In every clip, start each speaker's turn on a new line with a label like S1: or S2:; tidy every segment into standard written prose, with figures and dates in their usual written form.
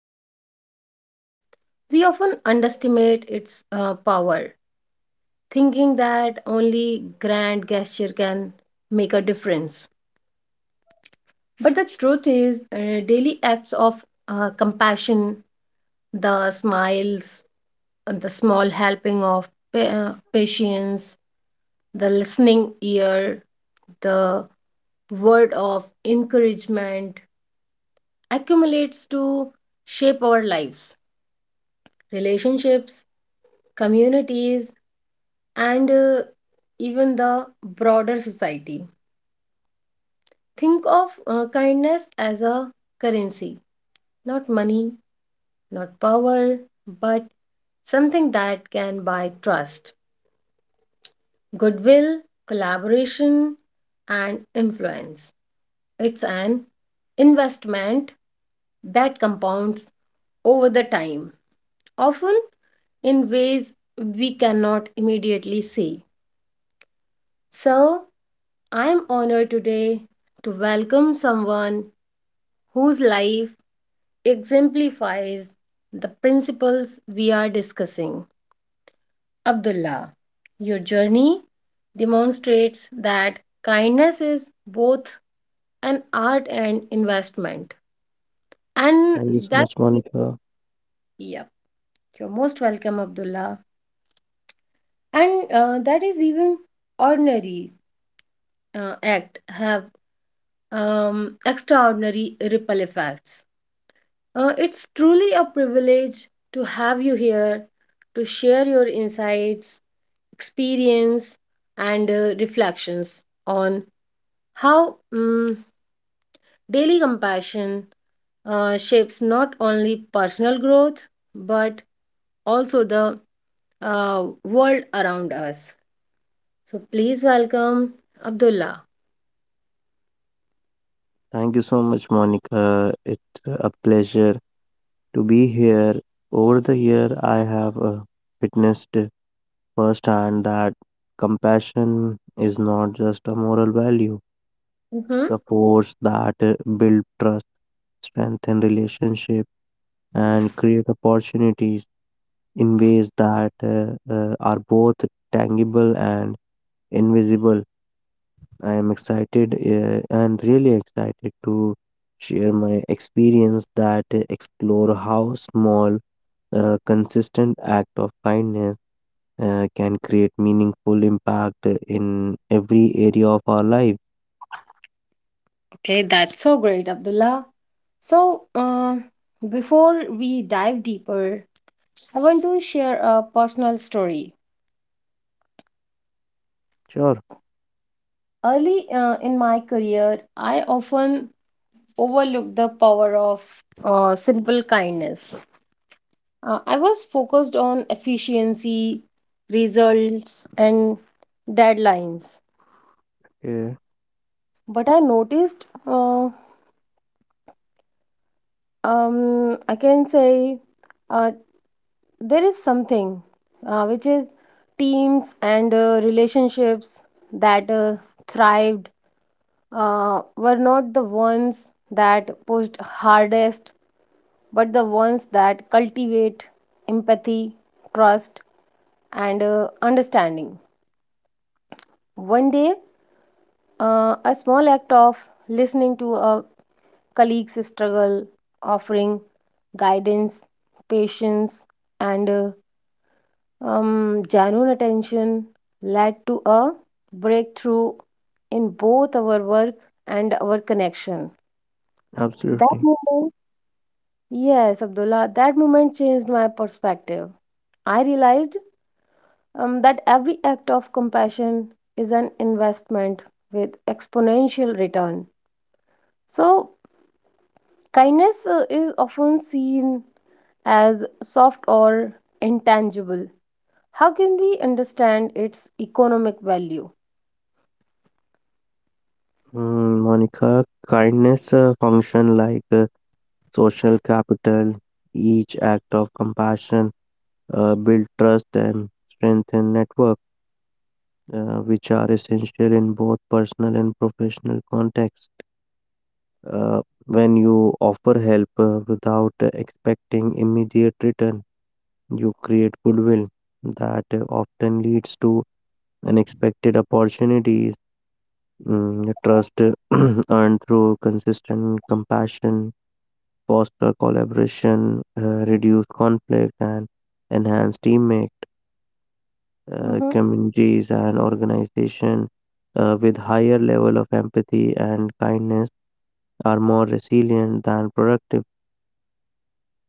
S1: kindness. We often underestimate its power, thinking that only grand gesture can make a difference. But the truth is, daily acts of compassion, the smiles, the small helping of patience, the listening ear, the word of encouragement accumulates to shape our lives, relationships, communities, and even the broader society. Think of kindness as a currency, not money, not power, but something that can buy trust, goodwill, collaboration, and influence. It's an investment that compounds over the time, often in ways we cannot immediately see. So, I'm honored today to welcome someone whose life exemplifies the principles we are discussing. Abdullah, your journey demonstrates that kindness is both an art and investment. And
S2: Thank you so
S1: that,
S2: much, Monica.
S1: yeah. You're most welcome, Abdullah. And that is even ordinary act have extraordinary ripple effects. It's truly a privilege to have you here to share your insights, experience, and reflections on how daily compassion shapes not only personal growth but also the world around us. So please welcome Abdullah.
S2: Thank you so much, Monica. It's a pleasure to be here. Over the year, I have witnessed firsthand that compassion is not just a moral value.
S1: hmm
S2: It's a force that builds trust, strengthen relationships, and create opportunities in ways that are both tangible and invisible. I am excited and really excited to share my experience that explore how small, consistent act of kindness can create meaningful impact in every area of our life.
S1: Okay, that's so great, Abdullah. So, before we dive deeper, I want to share a personal story.
S2: Sure.
S1: Early in my career, I often overlooked the power of simple kindness. I was focused on efficiency, results, and deadlines.
S2: Yeah,
S1: But I noticed, um, I can say, uh, there is something which is teams and relationships that thrived were not the ones that pushed hardest, but the ones that cultivate empathy, trust, and understanding. One day, a small act of listening to a colleague's struggle, offering guidance, patience, and genuine attention led to a breakthrough in both our work and our connection. That
S2: absolutely.
S1: moment, yes, Abdullah, that moment changed my perspective. I realized that every act of compassion is an investment with exponential return. So, kindness is often seen as soft or intangible. How can we understand its economic value?
S2: Mm, Monica, kindness function like social capital. Each act of compassion build trust and strengthen network, which are essential in both personal and professional contexts. Uh, when you offer help without expecting immediate return, you create goodwill that often leads to unexpected opportunities. Mm, trust earned through consistent compassion, foster collaboration, reduce conflict, and enhance teammates,
S1: Mhm.
S2: communities and organizations with higher level of empathy and kindness are more resilient than productive.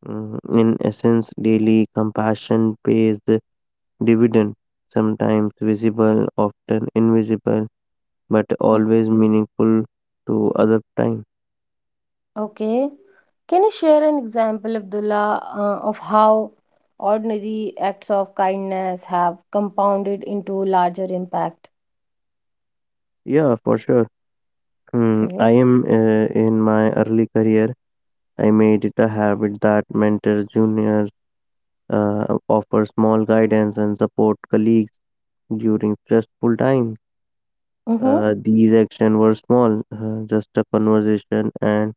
S2: In essence, daily compassion pays the dividend, sometimes visible, often invisible, but
S1: Mm.
S2: always meaningful to other time.
S1: Okay. Can you share an example, Abdullah, of how ordinary acts of kindness have compounded into larger impact?
S2: Yeah, for sure.
S1: Okay.
S2: I am in my early career. I made it a habit that mentor juniors, offer small guidance and support colleagues during stressful times.
S1: Mm-hmm.
S2: These actions were small, just a conversation and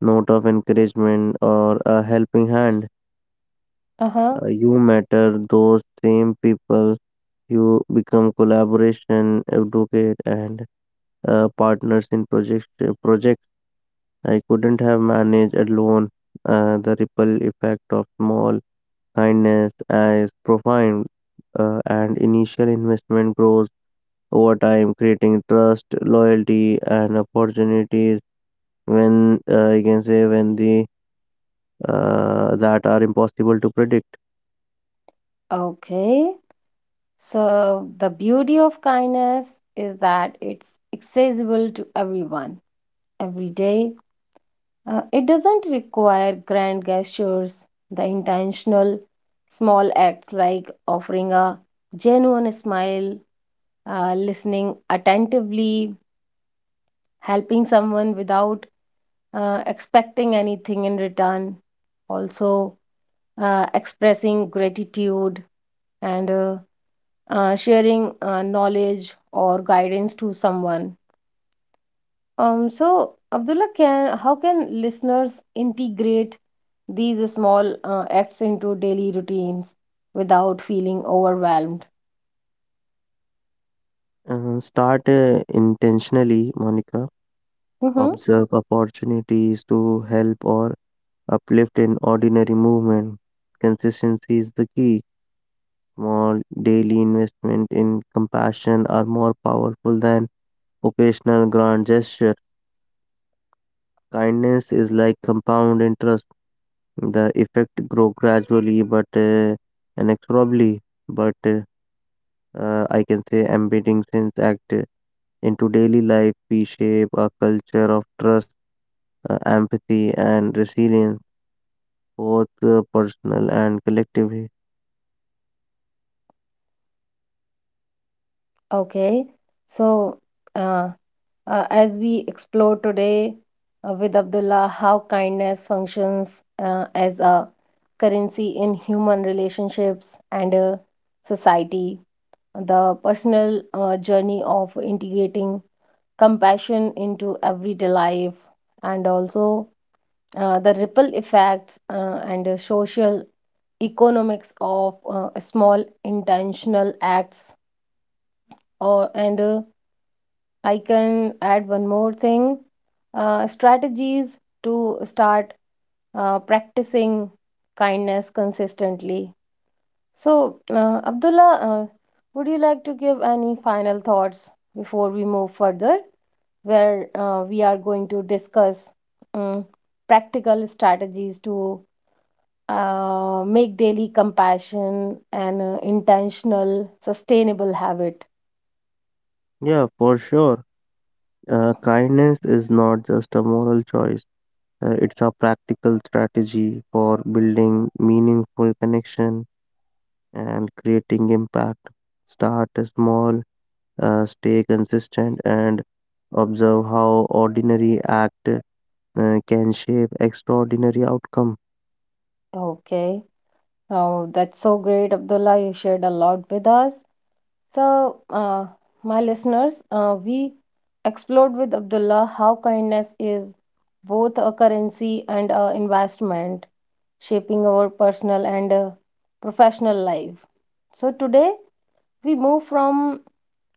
S2: note of encouragement or a helping hand.
S1: Uh-huh.
S2: You matter those same people. You become collaboration advocate and partners in projects. I couldn't have managed alone. The ripple effect of small kindness is profound, and initial investment grows over time, creating trust, loyalty, and opportunities when you can say when the that are impossible to predict.
S1: Okay. So the beauty of kindness is that it's accessible to everyone every day. It doesn't require grand gestures. The intentional small acts, like offering a genuine smile, listening attentively, helping someone without expecting anything in return, also expressing gratitude and sharing knowledge or guidance to someone. So, Abdullah, how can listeners integrate these small acts into daily routines without feeling overwhelmed?
S2: Start intentionally, Monica.
S1: hmm
S2: Observe opportunities to help or uplift in ordinary movement. Consistency is the key. Small daily investment in compassion are more powerful than occasional grand gesture. Kindness is like compound interest. The effect grow gradually but inexorably, but I can say embedding sense act into daily life, we shape a culture of trust, empathy, and resilience, both personal and collectively.
S1: Okay, so uh, as we explore today with Abdullah how kindness functions as a currency in human relationships and society, the personal journey of integrating compassion into everyday life, and also the ripple effects and social economics of small intentional acts, or and I can add one more thing, strategies to start practicing kindness consistently. So, Abdullah, would you like to give any final thoughts before we move further, where we are going to discuss um, practical strategies to make daily compassion an intentional, sustainable habit.
S2: Yeah, for sure. Kindness is not just a moral choice. It's a practical strategy for building meaningful connection and creating impact. Start small, stay consistent, and observe how ordinary act can shape extraordinary outcome.
S1: Okay. Oh, that's so great, Abdullah. You shared a lot with us. So, my listeners, we explored with Abdullah how kindness is both a currency and an investment, shaping our personal and professional life. So, today we move from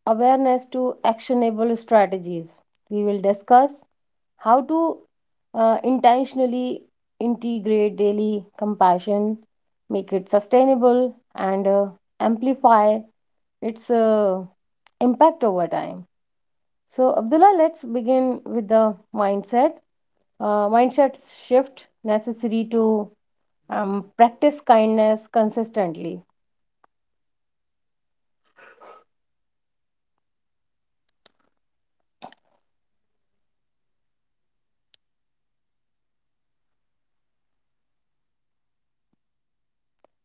S1: awareness to actionable strategies. We will discuss how to intentionally integrate daily compassion, make it sustainable, and amplify its impact over time. So, Abdullah, let's begin with the mindset. Mindset shift necessary to practice kindness consistently.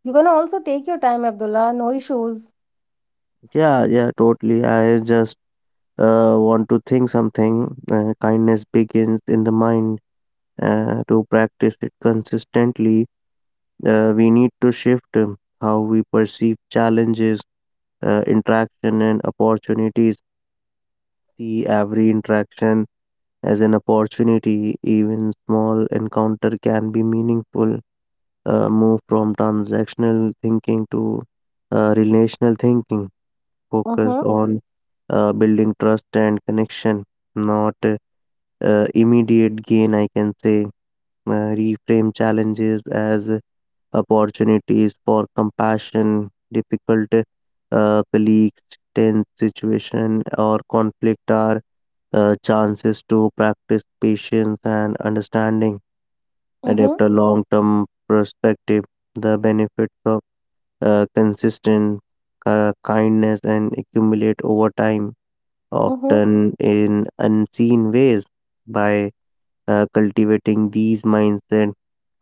S1: You can also take your time, Abdullah. No issues.
S2: Yeah, totally, I just want to think something. Kindness begins in the mind. To practice it consistently, we need to shift how we perceive challenges, interaction and opportunities. See every interaction as an opportunity, even small encounter can be meaningful. Move from transactional thinking to relational thinking,
S1: Mm-hmm.
S2: focused on building trust and connection, not immediate gain, I can say. Reframe challenges as opportunities for compassion. Difficult colleagues, tense situation, or conflict are chances to practice patience and understanding, adapt
S1: Mm-hmm.
S2: a long term perspective. The benefits of consistent kindness and accumulate over time,
S1: Mm-hmm.
S2: often in unseen ways. By cultivating these mindset,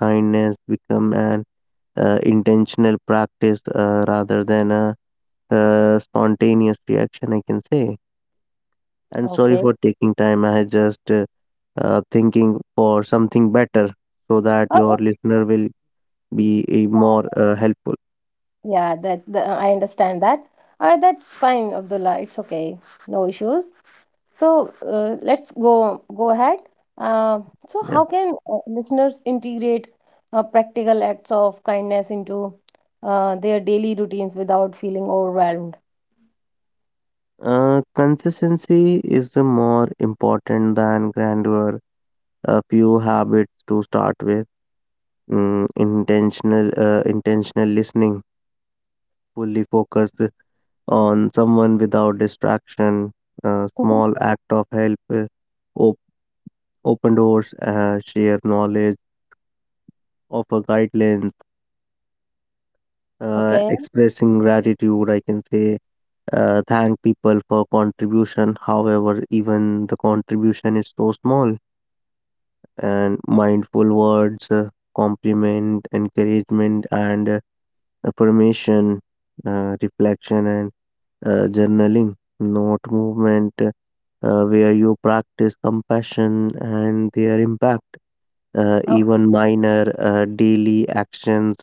S2: kindness become an intentional practice rather than a spontaneous reaction, I can say. And sorry
S1: Okay.
S2: for taking time. I had just thinking for something better so that your listener will be more helpful.
S1: Yeah, that the, I understand that. That's fine, Abdullah. It's okay, no issues. So, let's go ahead. Uh, so, how
S2: Yeah.
S1: can listeners integrate practical acts of kindness into their daily routines without feeling overwhelmed?
S2: Consistency is the more important than grandeur. A few habits to start with. Intentional listening, fully focused on someone without distraction. A
S1: Mhm.
S2: small act of help, op- open doors, share knowledge, offer guidelines,
S1: Okay.
S2: expressing gratitude, I can say, thank people for contribution. However, even the contribution is so small, and mindful words, compliment, encouragement, and affirmation, reflection, and journaling. Not movement where you practice compassion and their impact.
S1: Oh,
S2: Even minor daily actions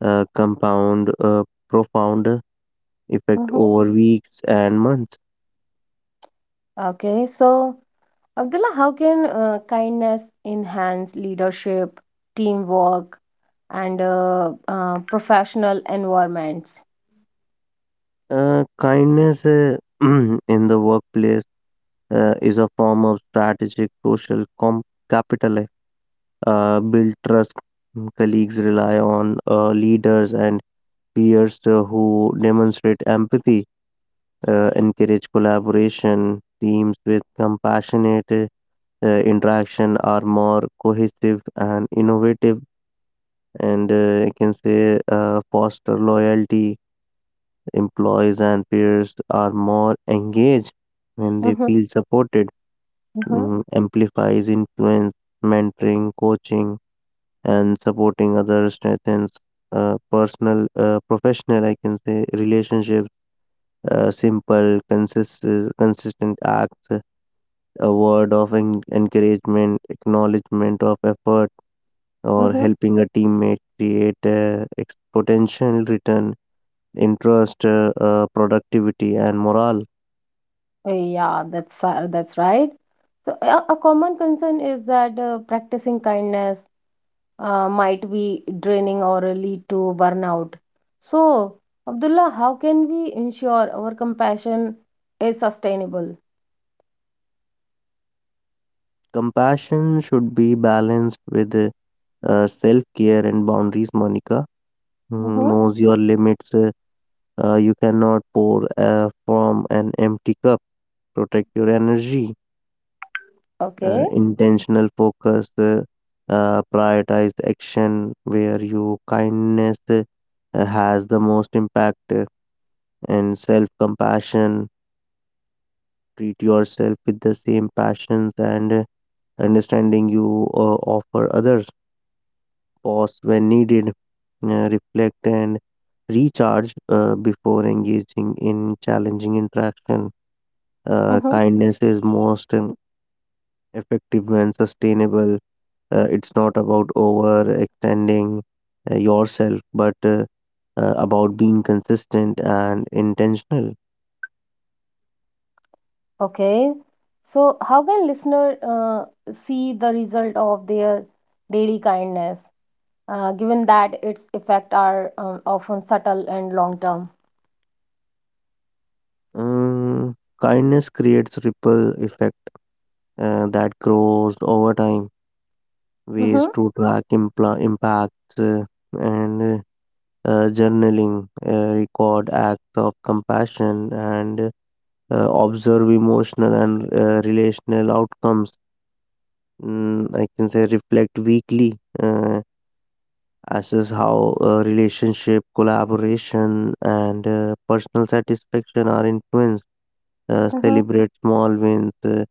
S2: compound a profound effect
S1: mhm.
S2: over weeks and months.
S1: Okay. So, Abdullah, how can kindness enhance leadership, teamwork, and professional environments?
S2: Kindness in the workplace is a form of strategic capital, like. Build trust. Colleagues rely on leaders and peers who demonstrate empathy, encourage collaboration. Teams with compassionate interaction are more cohesive and innovative, and I can say foster loyalty. Employees and peers are more engaged when they
S1: Mm-hmm.
S2: feel supported.
S1: Mm-hmm.
S2: Mm, amplifies influence, mentoring, coaching, and supporting others strengthens personal, professional, I can say, relationships. Simple, consistent acts, a word of encouragement, acknowledgement of effort, or
S1: Mhm.
S2: helping a teammate create a potential return, interest, productivity, and morale.
S1: Yeah, that's right. So, a common concern is that practicing kindness might be draining or lead to burnout. So, Abdullah, how can we ensure our compassion is sustainable?
S2: Compassion should be balanced with self care and boundaries, Monica. Mm,
S1: Mm-hmm.
S2: knows your limits. You cannot pour from an empty cup. Protect your energy.
S1: Okay.
S2: Intentional focus. Prioritize action where your kindness has the most impact, and self compassion. Treat yourself with the same passions and understanding you offer others. Pause when needed, reflect, and recharge before engaging in challenging interaction.
S1: Mm-hmm.
S2: Kindness is most effective when sustainable. It's not about overextending yourself, but about being consistent and intentional.
S1: Okay. So, how can listener see the result of their daily kindness, given that its effect are often subtle and long term?
S2: Um, kindness creates ripple effect that grows over time.
S1: Mm-hmm.
S2: Ways to track impacts and journaling, record acts of compassion, and observe emotional and relational outcomes. Mm, I can say reflect weekly, uh, assess how relationship, collaboration, and personal satisfaction are influenced, celebrate small wins,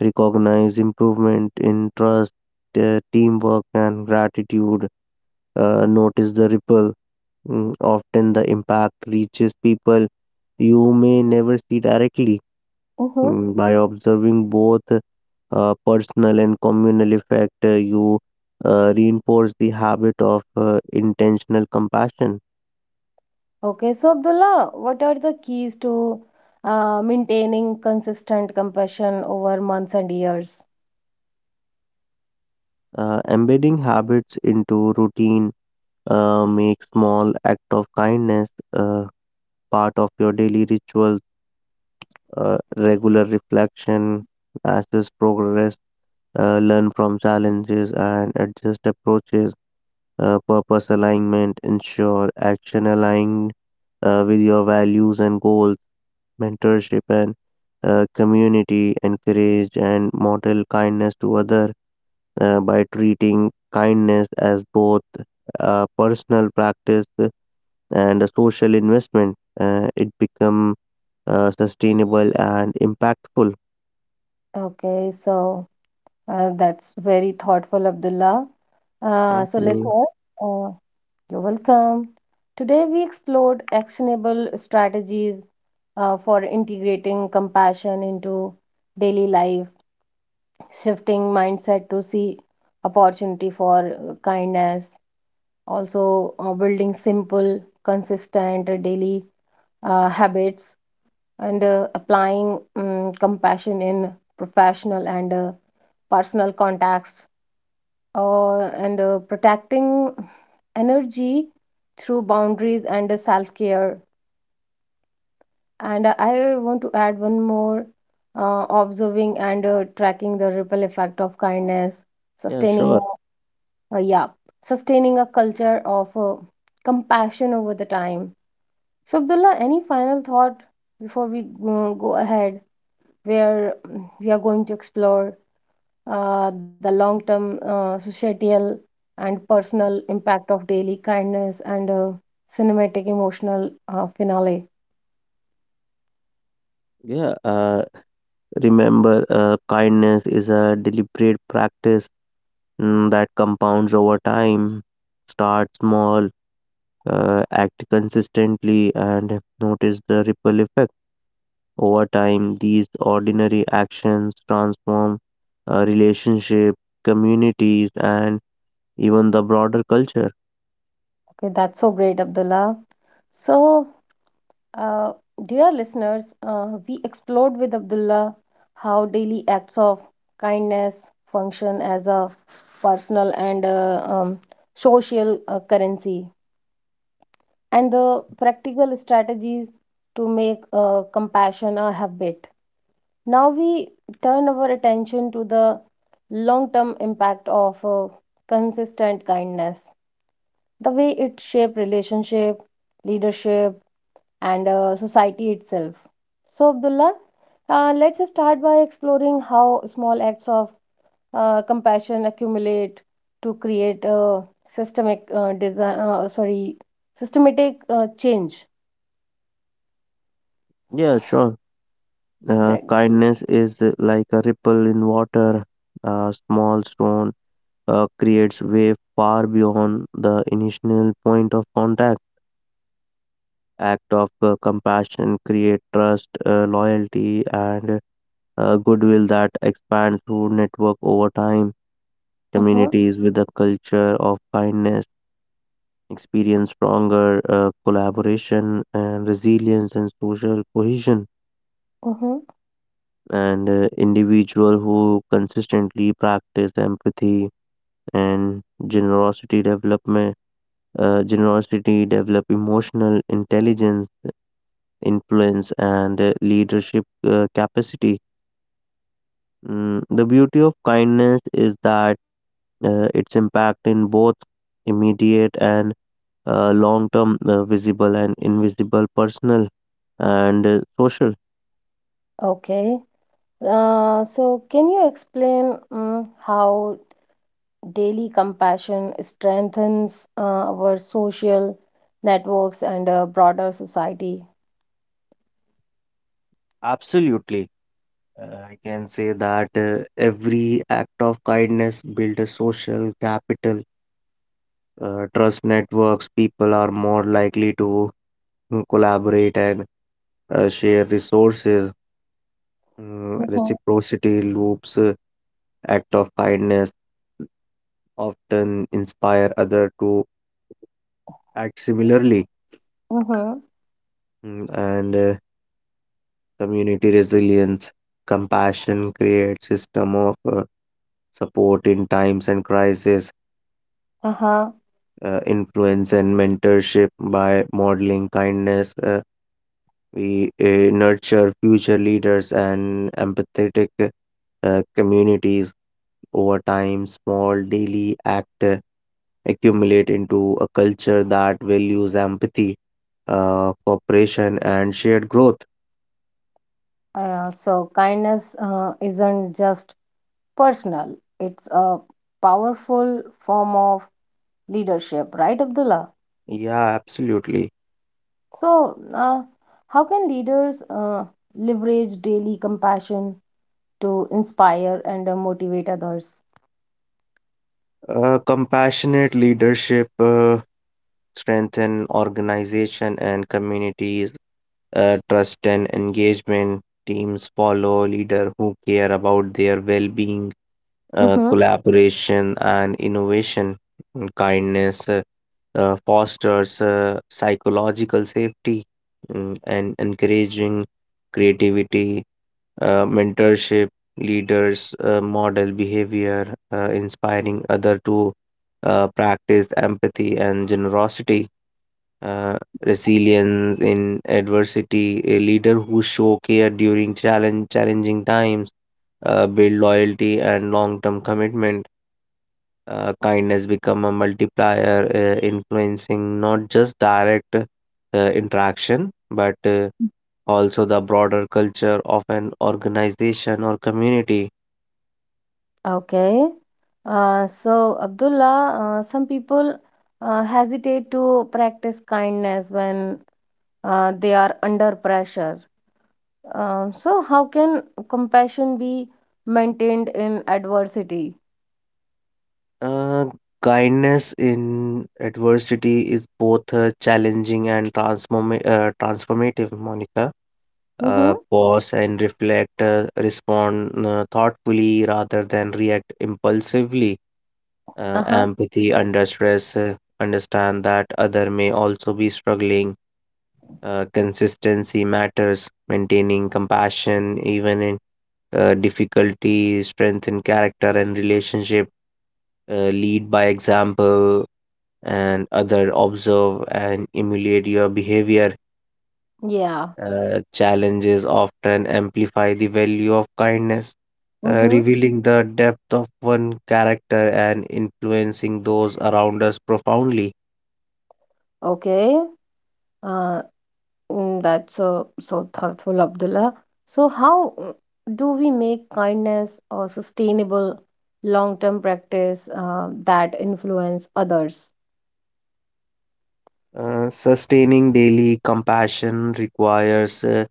S2: recognize improvement in trust, teamwork, and gratitude, notice the ripple. Mm, often the impact reaches people you may never see directly.
S1: Mm-hmm.
S2: Mm, by observing both personal and communal effect, you reinforce the habit of intentional compassion.
S1: Okay, so, Abdullah, what are the keys to maintaining consistent compassion over months and years?
S2: Embedding habits into routine make small act of kindness part of your daily rituals. Regular reflection, assess progress, learn from challenges, and adjust approaches, purpose alignment, ensure action aligned with your values and goals, mentorship and community, encourage and model kindness to other, by treating kindness as both a personal practice and a social investment. It become sustainable and impactful.
S1: Okay, so that's very thoughtful, Abdullah. Uh,
S2: Thank
S1: so, let's
S2: you.
S1: listeners, uh, you're welcome. Today, we explored actionable strategies for integrating compassion into daily life, shifting mindset to see opportunity for kindness, also building simple, consistent daily habits, and applying compassion in professional and personal contacts, and protecting energy through boundaries and self-care. And I want to add one more, observing and tracking the ripple effect of kindness,
S2: Yeah,
S1: sustaining
S2: sure.
S1: yeah, sustaining a culture of compassion over the time. So, Abdullah, any final thought before we go ahead, where we are going to explore the long term societal and personal impact of daily kindness, and a cinematic emotional finale.
S2: Yeah, remember, kindness is a deliberate practice mm, that compounds over time. Start small, act consistently, and notice the ripple effect. Over time, these ordinary actions transform relationship, communities, and even the broader culture.
S1: Okay, that's so great, Abdullah. So, uh, dear listeners, we explored with Abdullah how daily acts of kindness function as a personal and social currency, and the practical strategies to make compassion a habit. Now we turn our attention to the long term impact of consistent kindness, the way it shapes relationship, leadership, and society itself. So, Abdullah, let's start by exploring how small acts of compassion accumulate to create a systemic design, sorry, systematic change.
S2: Yeah, sure.
S1: Right.
S2: Kindness is like a ripple in water. A small stone creates wave far beyond the initial point of contact. Act of compassion create trust, loyalty, and goodwill that expand through network over time.
S1: Mm-hmm,
S2: Communities with a culture of kindness experience stronger collaboration and resilience and social cohesion.
S1: mm-hmm.
S2: And individual who consistently practice empathy and generosity development, generosity develop emotional intelligence, influence and leadership capacity. Mm, the beauty of kindness is that its impact in both immediate and long term, visible and invisible, personal and social.
S1: Okay. So, can you explain how daily compassion strengthens our social networks and broader society?
S2: Absolutely. I can say that every act of kindness builds a social capital. Trust networks, people are more likely to mm, collaborate and share resources. Mm,
S1: Mm-hmm.
S2: reciprocity loops, act of kindness often inspire others to act similarly. Mm, and community resilience, compassion creates system of support in times and crisis,
S1: Mm-hmm.
S2: influence and mentorship by modeling kindness. We nurture future leaders and empathetic communities. Over time, small daily act accumulate into a culture that values empathy, cooperation, and shared growth.
S1: So, kindness isn't just personal, it's a powerful form of leadership, right, Abdullah?
S2: Yeah, absolutely.
S1: So, how can leaders leverage daily compassion to inspire and motivate others?
S2: Compassionate leadership strengthen organization and communities. Trust and engagement, teams follow leader who care about their well-being,
S1: Mm-hmm.
S2: collaboration and innovation. And kindness fosters psychological safety mm, and encouraging creativity, mentorship, leaders model behavior, inspiring other to practice empathy and generosity. Uh, resilience in adversity, a leader who show care during challenge challenging times build loyalty and long-term commitment. Kindness become a multiplier, influencing not just direct interaction, but also the broader culture of an organization or community.
S1: Okay. So, Abdullah, some people hesitate to practice kindness when they are under pressure. So, how can compassion be maintained in adversity?
S2: Uh, kindness in adversity is both challenging and transformative, Monica.
S1: Mm-hmm.
S2: Pause and reflect, respond thoughtfully rather than react impulsively,
S1: Uh-huh.
S2: empathy under stress, understand that other may also be struggling. Consistency matters, maintaining compassion even in difficulty, strengthen character and relationship, lead by example, and other observe and emulate your behavior.
S1: Yeah.
S2: Challenges often amplify the value of kindness,
S1: Mm-hmm.
S2: revealing the depth of one character and influencing those around us profoundly.
S1: Okay. Uh, that's so thoughtful, Abdullah. So, how do we make kindness a sustainable long-term practice that influence others?
S2: Sustaining daily compassion requires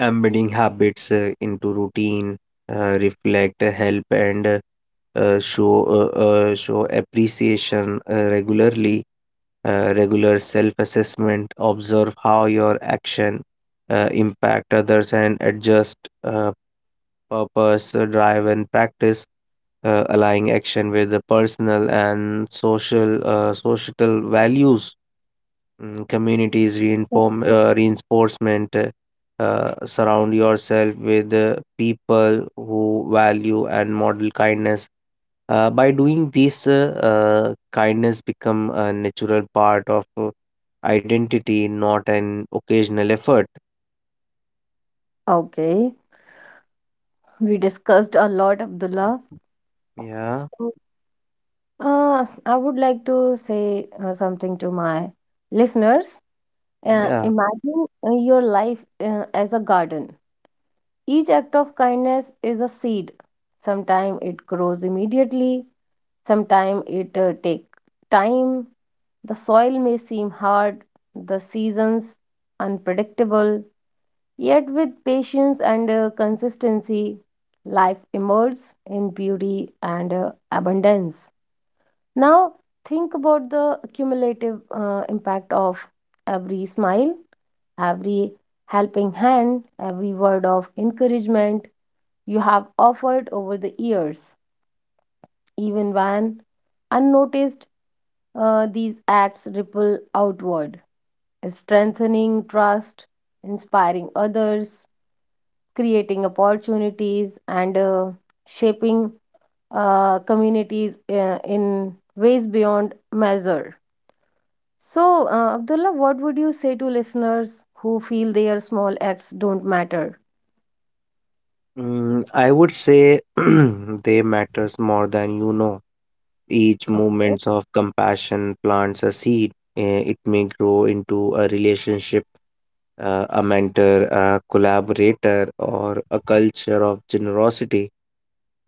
S2: embedding habits into routine, reflect, help, and show appreciation regularly. Regular self-assessment, observe how your action impact others, and adjust uh, purpose, drive, and practice. Aligning action with the personal and social societal values mm, communities reinforcement, surround yourself with people who value and model kindness, by doing this kindness become a natural part of identity, not an occasional effort.
S1: Okay, we discussed a lot, Abdullah.
S2: yeah
S1: So, I would like to say something to my listeners.
S2: yeah
S1: Imagine your life as a garden. Each act of kindness is a seed. Sometimes it grows immediately, sometimes it takes time. The soil may seem hard, the seasons unpredictable, yet with patience and consistency, life emerges in beauty and abundance. Now, think about the cumulative impact of every smile, every helping hand, every word of encouragement you have offered over the years. Even when unnoticed, these acts ripple outward, strengthening trust, inspiring others, creating opportunities, and shaping communities in ways beyond measure. So, Abdullah, what would you say to listeners who feel their small acts don't matter?
S2: Mm, I would say they matters more than you know. Each moments of compassion plants a seed. It may grow into a relationship, a mentor, a collaborator, or a culture of generosity.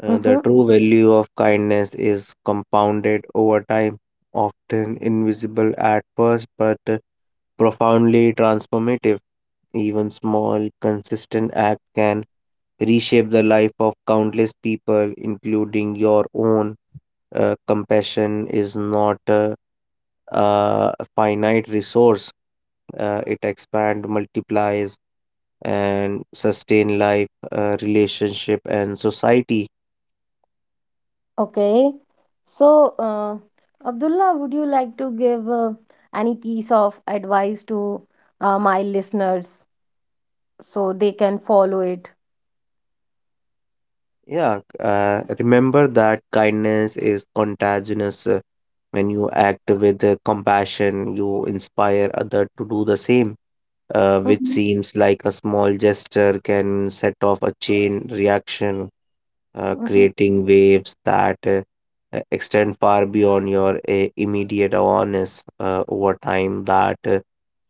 S2: The
S1: Mm-hmm.
S2: true value of kindness is compounded over time, often invisible at first but profoundly transformative. Even small, consistent act can reshape the life of countless people, including your own. Compassion is not a finite resource, it expand multiplies and sustain life, relationship and society.
S1: Okay. So, Abdullah, would you like to give any piece of advice to my listeners so they can follow it?
S2: Yeah, remember that kindness is contagious. When you act with compassion, you inspire other to do the same, which
S1: Mhm,
S2: seems like a small gesture can set off a chain reaction,
S1: mhm.
S2: creating waves that extend far beyond your immediate awareness. Over time that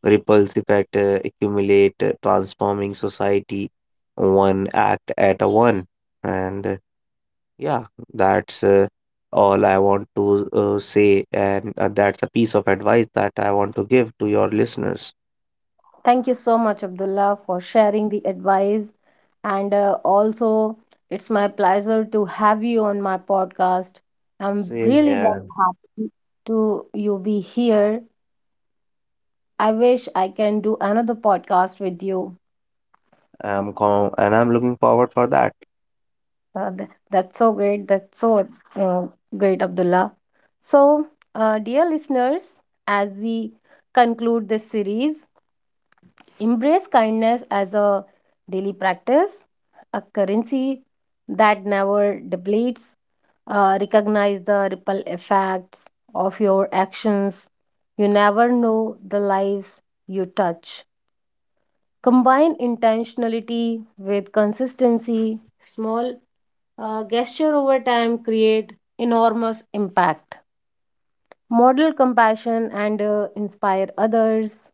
S2: ripples effect accumulate, transforming society one act at a one, and yeah, that's all I want to say, and that's a piece of advice that I want to give to your listeners.
S1: Thank you so much, Abdullah, for sharing the advice. And also, it's my pleasure to have you on my podcast. I'm
S2: Same
S1: really
S2: here.
S1: very happy to you be here. I wish I can do another podcast with you.
S2: I'm com- and I'm looking forward for that.
S1: That's so great. That's so uh, great, Abdullah. So, dear listeners, as we conclude this series, embrace kindness as a daily practice, a currency that never depletes. Recognize the ripple effects of your actions. You never know the lives you touch. Combine intentionality with consistency, small gesture over time create enormous impact. Model compassion and inspire others.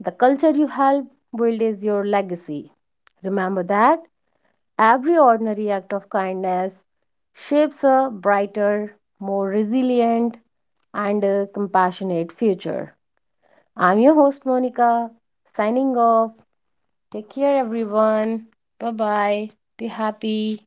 S1: The culture you help build is your legacy. Remember that every ordinary act of kindness shapes a brighter, more resilient, and a compassionate future. I'm your host, Monica, signing off. Take care, everyone. Bye bye. Be happy.